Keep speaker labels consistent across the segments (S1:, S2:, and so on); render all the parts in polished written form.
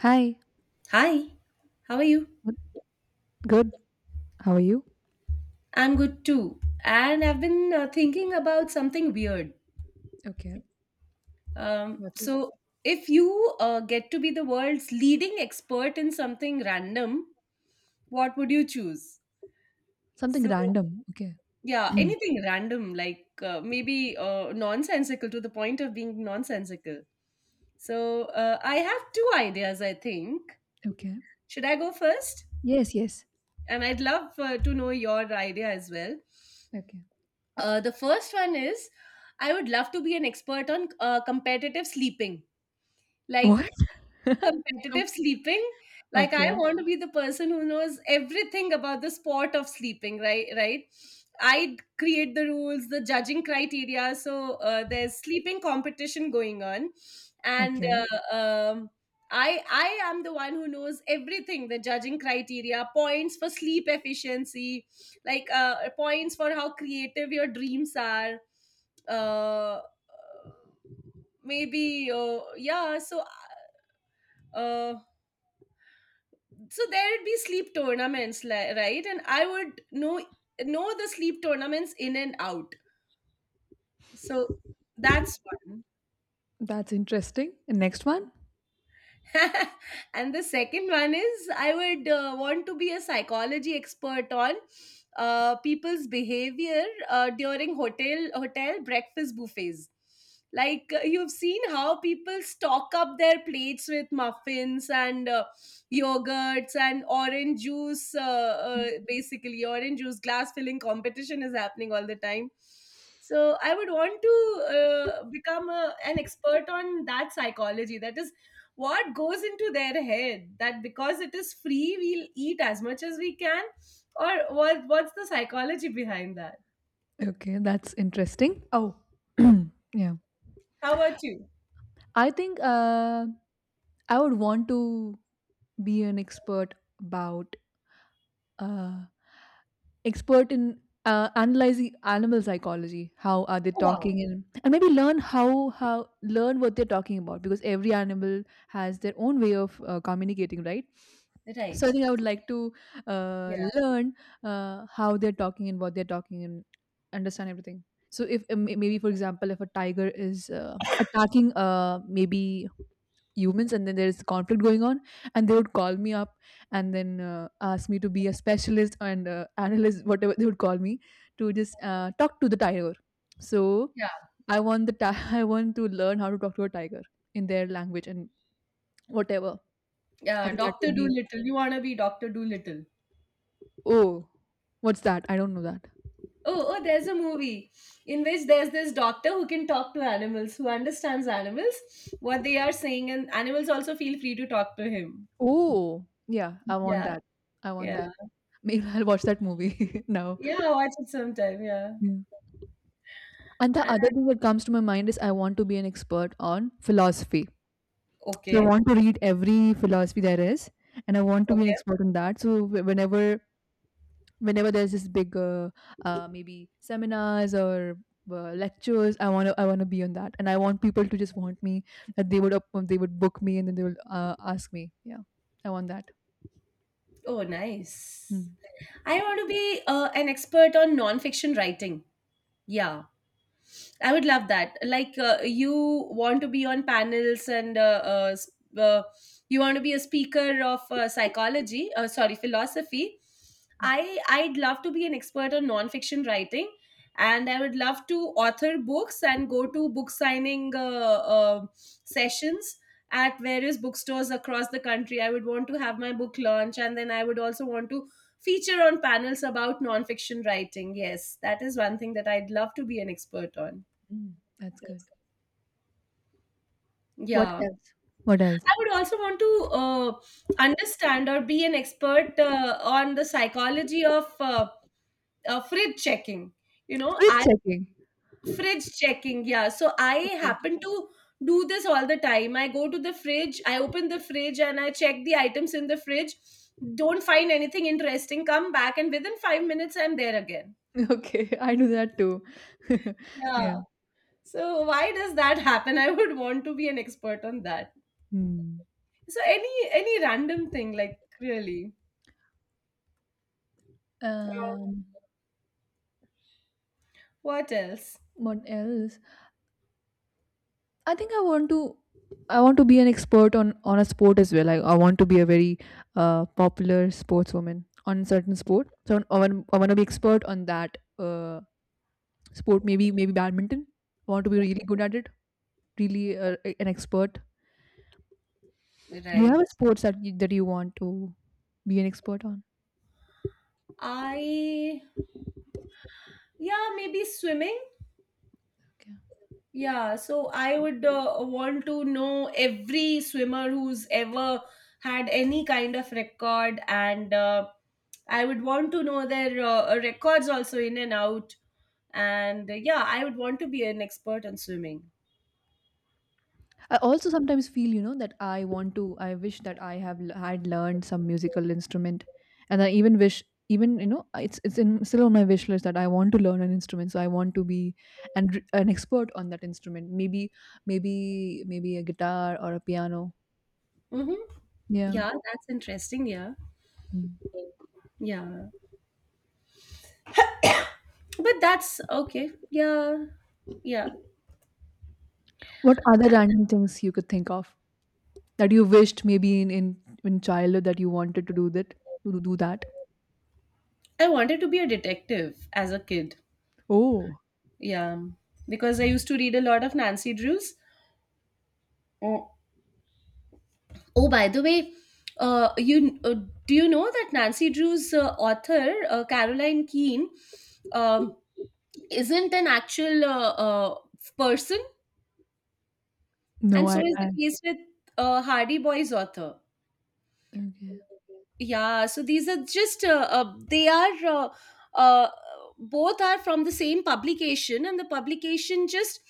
S1: Hi.
S2: Hi, how are you?
S1: Good. Good. How are you?
S2: I'm good too. And I've been thinking about something weird.
S1: Okay.
S2: Um,
S1: What's it?
S2: so, if you get to be the world's leading expert in something random, what would you choose?
S1: Something
S2: So,
S1: random. Okay.
S2: yeah, anything random, like maybe nonsensical to the point of being nonsensical. So, I have two ideas, I think.
S1: Okay.
S2: Should I go first?
S1: Yes, yes.
S2: And I'd love to know your idea as well.
S1: Okay.
S2: The first one is I would love to be an expert on competitive sleeping. Like
S1: What? Com-
S2: competitive sleeping, like I
S1: Okay.
S2: want to be the person who knows everything about the sport of sleeping, right, right. I create the rules, the judging criteria. So there's sleeping competition going on, and
S1: Okay.
S2: I am the one who knows everything, the judging criteria, points for sleep efficiency, like points for how creative your dreams are. Uh, uh, maybe Yeah, so uh, so there would be sleep tournaments, right, and I would know the sleep tournaments in and out. So that's one.
S1: That's interesting. Next one.
S2: And the second one is I would want to be a psychology expert on people's behavior during hotel breakfast buffets. Like you've seen how people stock up their plates with muffins and yogurts and orange juice. Basically, orange juice glass filling competition is happening all the time. So I would want to become an expert on that psychology. That is what goes into their head, that because it is free, we'll eat as much as we can, or what's the psychology behind that.
S1: Okay. That's interesting. Oh, yeah.
S2: How about you?
S1: I think uh, I would want to be an expert about uh, expert in analyzing animal psychology. How are they
S2: Oh, wow.
S1: talking, and maybe learn how learn what they're talking about, because every animal has their own way of communicating, right? So I
S2: Right.
S1: think I would like to
S2: Yeah,
S1: learn how they're talking and what they're talking, and understand everything. So if maybe for example, if a tiger is attacking maybe humans and then there's conflict going on, and they would call me up and then ask me to be a specialist and analyst, whatever they would call me, to just talk to the tiger. So
S2: yeah,
S1: I want the I want to learn how to talk to a tiger in their language and whatever. I
S2: yeah.
S1: think that
S2: Dr.
S1: would be
S2: Dolittle, you want to be Dr. Dolittle.
S1: oh, what's that? I don't know that.
S2: Oh, oh, there's a movie in which there's this doctor who can talk to animals, who understands animals, what they are saying, and animals also feel free to talk to him.
S1: Oh yeah, I want
S2: Yeah,
S1: that. I want that.
S2: yeah,
S1: Maybe I'll watch that movie now.
S2: yeah, watch it sometime, yeah.
S1: Yeah. And the
S2: And-
S1: other thing that comes to my mind is I want to be an expert on philosophy. So I
S2: okay.
S1: want to read every philosophy there is, and I want to be an
S2: Okay.
S1: expert in that. So whenever there's this big maybe seminars or lectures, I want to be on that, and I want people to just want me, that they would they would book me and then they will ask me. Yeah, I want that.
S2: Oh, nice.
S1: Hmm.
S2: I want to be an expert on non-fiction writing. Yeah, I would love that. Like you want to be on panels and you want to be a speaker of psychology, sorry, philosophy. I'd love to be an expert on nonfiction writing, and I would love to author books and go to book signing sessions at various bookstores across the country. I would want to have my book launch, and then I would also want to feature on panels about nonfiction writing. Yes, that is one thing that I'd love to be an expert on.
S1: Hmm. That's good. What
S2: Yeah,
S1: else? What else?
S2: I would also want to understand or be an expert on the psychology of fridge checking. You know,
S1: Flip
S2: I
S1: checking.
S2: fridge checking. Yeah, so I
S1: Okay,
S2: happen to do this all the time. I go to the fridge, I open the fridge, and I check the items in the fridge. Don't find anything interesting. Come back, and within 5 minutes, I'm there again.
S1: okay, I do that too. Yeah.
S2: Yeah. So why does that happen? I would want to be an expert on that.
S1: Hmm.
S2: So any random thing, like, really. Uh,
S1: Um.
S2: what else?
S1: What else? I think I want to I want to be an expert on a sport as well. I want to be a very popular sportswoman on certain sport. So I want to be expert on that sport. Maybe badminton. I want to be really good at it. Really an expert. Do you
S2: Right.
S1: have a sports that that you want to be an expert on?
S2: I yeah, maybe swimming.
S1: Okay.
S2: Yeah, so I would want to know every swimmer who's ever had any kind of record, and I would want to know their records also in and out. And yeah, I would want to be an expert on swimming.
S1: I also sometimes feel, you know, that I wish that I have had learned some musical instrument. And I even wish, even, you know, still on my wish list that I want to learn an instrument. So I want to be an expert on that instrument. Maybe a guitar or a piano.
S2: Mm-hmm.
S1: Yeah.
S2: Yeah, that's interesting. Yeah,
S1: Mm.
S2: yeah, but that's okay. Yeah, yeah.
S1: What other random things you could think of that you wished, maybe in childhood, that you wanted to to do that?
S2: I wanted to be a detective as a kid.
S1: Oh,
S2: Yeah, because I used to read a lot of Nancy Drews. Oh, oh, by the way, you do you know that Nancy Drews author Caroline Keane um, isn't an actual person,
S1: No,
S2: and so is the
S1: I
S2: case with Hardy Boys author.
S1: okay.
S2: Yeah, so these are just they are uh, both are from the same publication, and the publication just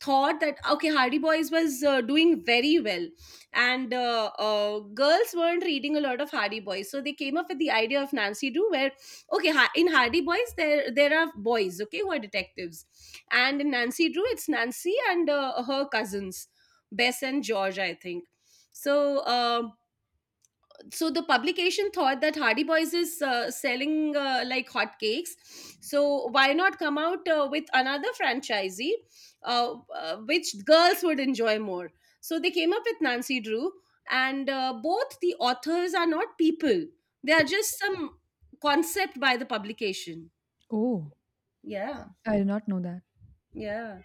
S2: thought that, okay, Hardy Boys was doing very well, and girls weren't reading a lot of Hardy Boys, so they came up with the idea of Nancy Drew, where, okay, in Hardy Boys there are boys, okay, who are detectives, and in Nancy Drew it's Nancy and her cousins Bess and George, I think. So um so the publication thought that Hardy Boys is selling like hotcakes, so why not come out with another franchisee, which girls would enjoy more? So they came up with Nancy Drew, and both the authors are not people; they are just some concept by the publication.
S1: Oh.
S2: Yeah,
S1: I did not know that.
S2: yeah.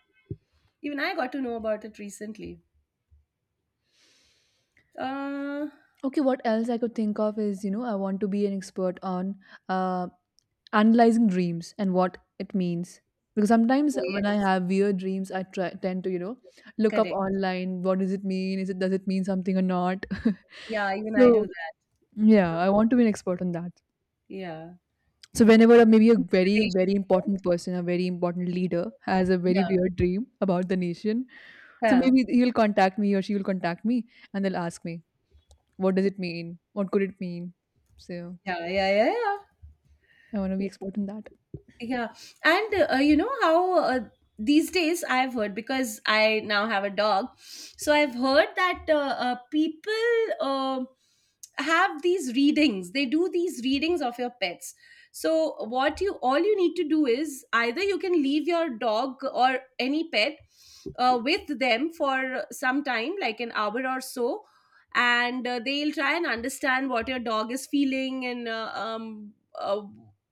S2: Even I got to know about it recently. Uh,
S1: Okay, what else I could think of is, you know, I want to be an expert on uh, analyzing dreams and what it means. Because sometimes
S2: oh
S1: when I
S2: yes,
S1: have weird dreams, tend to, you know, look up
S2: correct.
S1: online. What does it mean? Is it does it mean something or not?
S2: Yeah, even I do
S1: So
S2: that.
S1: yeah, I want to be an expert on that.
S2: Yeah,
S1: So whenever maybe a very
S2: interpretation.
S1: very important person, a very important leader has a very
S2: Yeah.
S1: weird dream about the nation, so
S2: Yeah.
S1: maybe he'll contact me or she will contact me, and they'll ask me, what does it mean? What could it mean? So.
S2: Yeah, yeah, yeah, yeah.
S1: I want to be expert in that.
S2: Yeah. And you know how these days I've heard, because I now have a dog. So I've heard that people have these readings. They do these readings of your pets. So what you, all you need to do is either you can leave your dog or any pet with them for some time, like an hour or so, and they'll try and understand what your dog is feeling, and uh,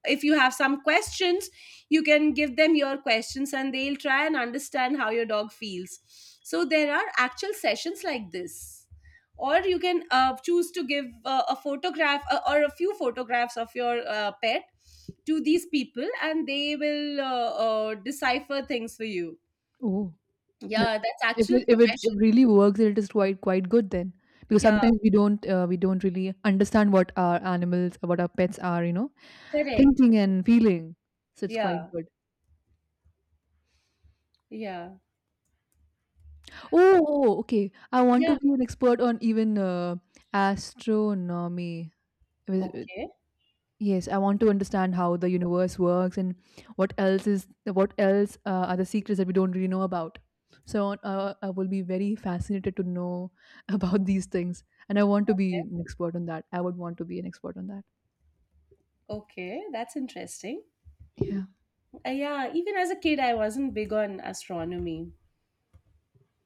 S2: if you have some questions, you can give them your questions, and they'll try and understand how your dog feels. So there are actual sessions like this, or you can choose to give a photograph or a few photographs of your pet to these people, and they will decipher things for you.
S1: Oh, that-
S2: Yeah, that's
S1: if
S2: actual
S1: it
S2: profession.
S1: really works, it is quite quite good then. Because
S2: Yeah,
S1: sometimes we don't really understand what our animals, what our pets are, you know,
S2: correct.
S1: thinking and feeling. So it's quite
S2: Yeah,
S1: good.
S2: yeah,
S1: Oh, oh, oh, okay. I want to
S2: yeah.
S1: be an expert on even astronomy. Is-
S2: Okay,
S1: Yes, I want to understand how the universe works, and what else are the secrets that we don't really know about. So I will be very fascinated to know about these things, and I want to be an expert on that. I would want to be an expert on that.
S2: okay, that's interesting.
S1: Yeah.
S2: Yeah, even as a kid, I wasn't big on astronomy.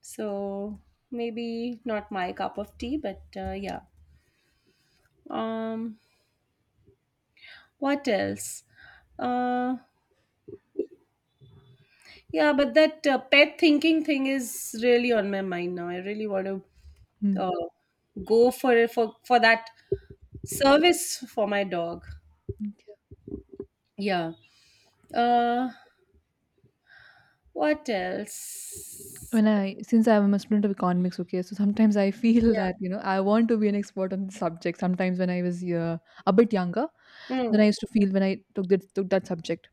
S2: So maybe not my cup of tea, but yeah. Um, what else? Uh, yeah, but that pet thinking thing is really on my mind now. I really want to
S1: Hmm.
S2: uh, go for that service for my dog. Yeah. Uh, what else?
S1: When I, since I'm a student of economics, okay, so sometimes I feel
S2: Yeah.
S1: that, you know, I want to be an expert on the subject. Sometimes when I was a bit younger, then I
S2: Hmm.
S1: used to feel when I took that subject,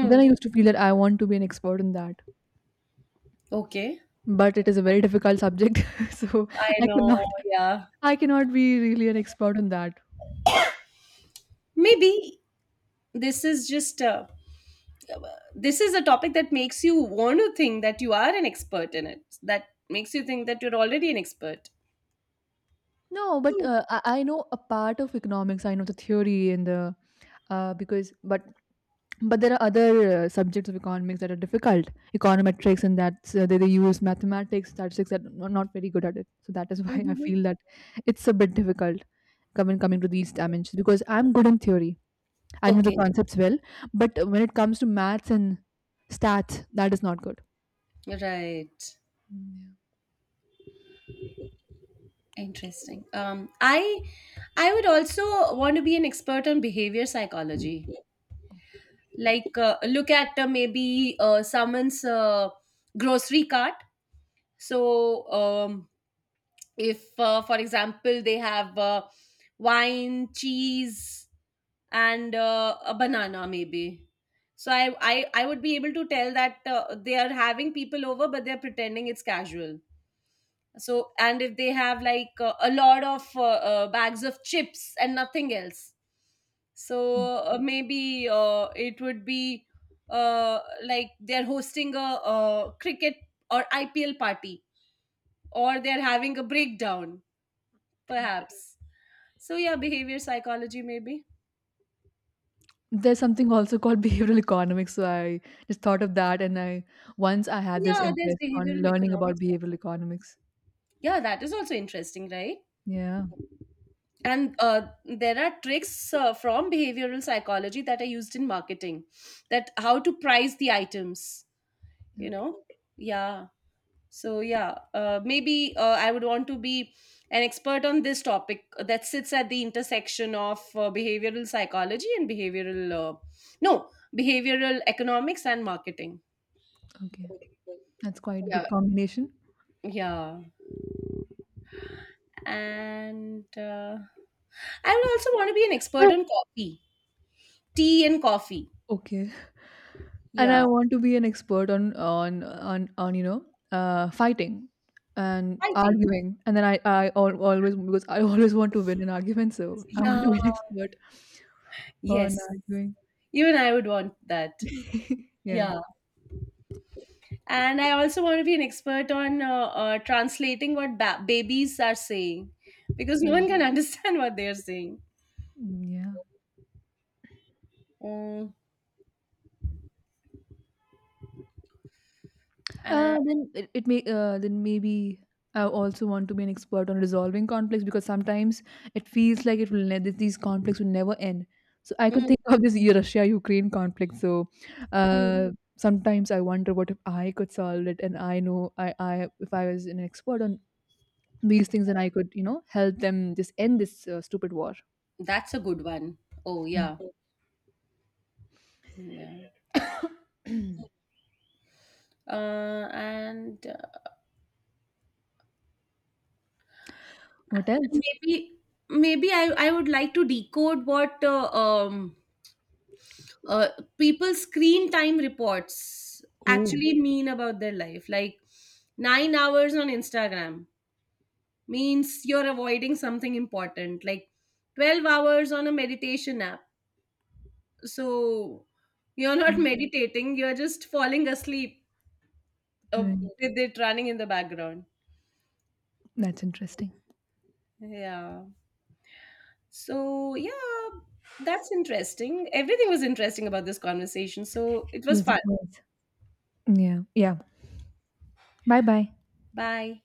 S1: then I used to feel that I want to be an expert in that.
S2: Okay.
S1: But it is a very difficult subject, so
S2: I
S1: I
S2: know.
S1: cannot,
S2: Yeah.
S1: I cannot be really an expert on that.
S2: Maybe this is just a, this is a topic that makes you want to think that you are an expert in it, that makes you think that you're already an expert.
S1: No, but I know a part of economics. I know the theory and the because but there are other subjects of economics that are difficult. Econometrics, and they use mathematics, statistics, that are not very good at it. So that is why I
S2: Mhm.
S1: feel that it's a bit difficult coming to these dimensions, because I'm good in theory. I know the
S2: Okay,
S1: concepts well, but when it comes to maths and stats, that is not good.
S2: right,
S1: Mm,
S2: interesting. I would also want to be an expert on behavior psychology. Like look at maybe someone's grocery cart. so um if for example, they have wine, cheese, and a banana maybe, so I would be able to tell that they are having people over, but they're pretending it's casual. So, and if they have like a lot of bags of chips and nothing else, so maybe it would be like they're hosting a cricket or IPL party, or they're having a breakdown,
S1: yeah.
S2: perhaps. So yeah, behavior psychology maybe.
S1: There's something also called behavioral economics, so I just thought of that, and I once I had this
S2: Yeah, there's
S1: interest on
S2: behavioral
S1: learning about
S2: economics
S1: behavioral
S2: also.
S1: economics.
S2: Yeah, that is also interesting, right?
S1: Yeah.
S2: And there are tricks from behavioral psychology that are used in marketing, that how to price the items, you
S1: Okay.
S2: know? Yeah. So yeah, maybe I would want to be an expert on this topic that sits at the intersection of behavioral psychology and behavioral no behavioral economics and marketing.
S1: Okay. That's quite
S2: Yeah.
S1: good combination.
S2: Yeah. And I would also want to be an expert on coffee, tea and coffee.
S1: Okay. And I
S2: Yeah.
S1: want to be an expert on you know, uh, fighting and
S2: Writing.
S1: arguing, and then always, because I always want to win an argument, so I want to
S2: Yeah.
S1: be an expert on
S2: Yes.
S1: arguing.
S2: Even I would want that.
S1: Yeah.
S2: Yeah. And I also want to be an expert on translating what babies are saying, because no
S1: Mm,
S2: one can understand what they are saying.
S1: mm, yeah.
S2: Mm, and,
S1: Then it may then maybe I also want to be an expert on resolving conflicts, because sometimes it feels like it will that these conflicts will never end. So I could
S2: mm,
S1: think of this Russia-Ukraine conflict. So
S2: mm.
S1: uh, sometimes I wonder what if I could solve it, and I know I if I was an expert on these things, then I could, you know, help them just end this stupid war.
S2: That's a good one. Oh, yeah. Yeah.
S1: Mm.
S2: And
S1: What else?
S2: maybe, maybe I would like to decode what uh, people's screen time reports
S1: Oh,
S2: actually mean about their life. Like 9 hours on Instagram means you're avoiding something important. Like 12 hours on a meditation app, so you're not meditating. You're just falling asleep uh,
S1: right.
S2: with it running in the background.
S1: That's interesting.
S2: Yeah. So, yeah, that's interesting. Everything was interesting about this conversation. So, it was
S1: Yes, it
S2: fun.
S1: was. Yeah. Yeah. Bye bye.
S2: Bye.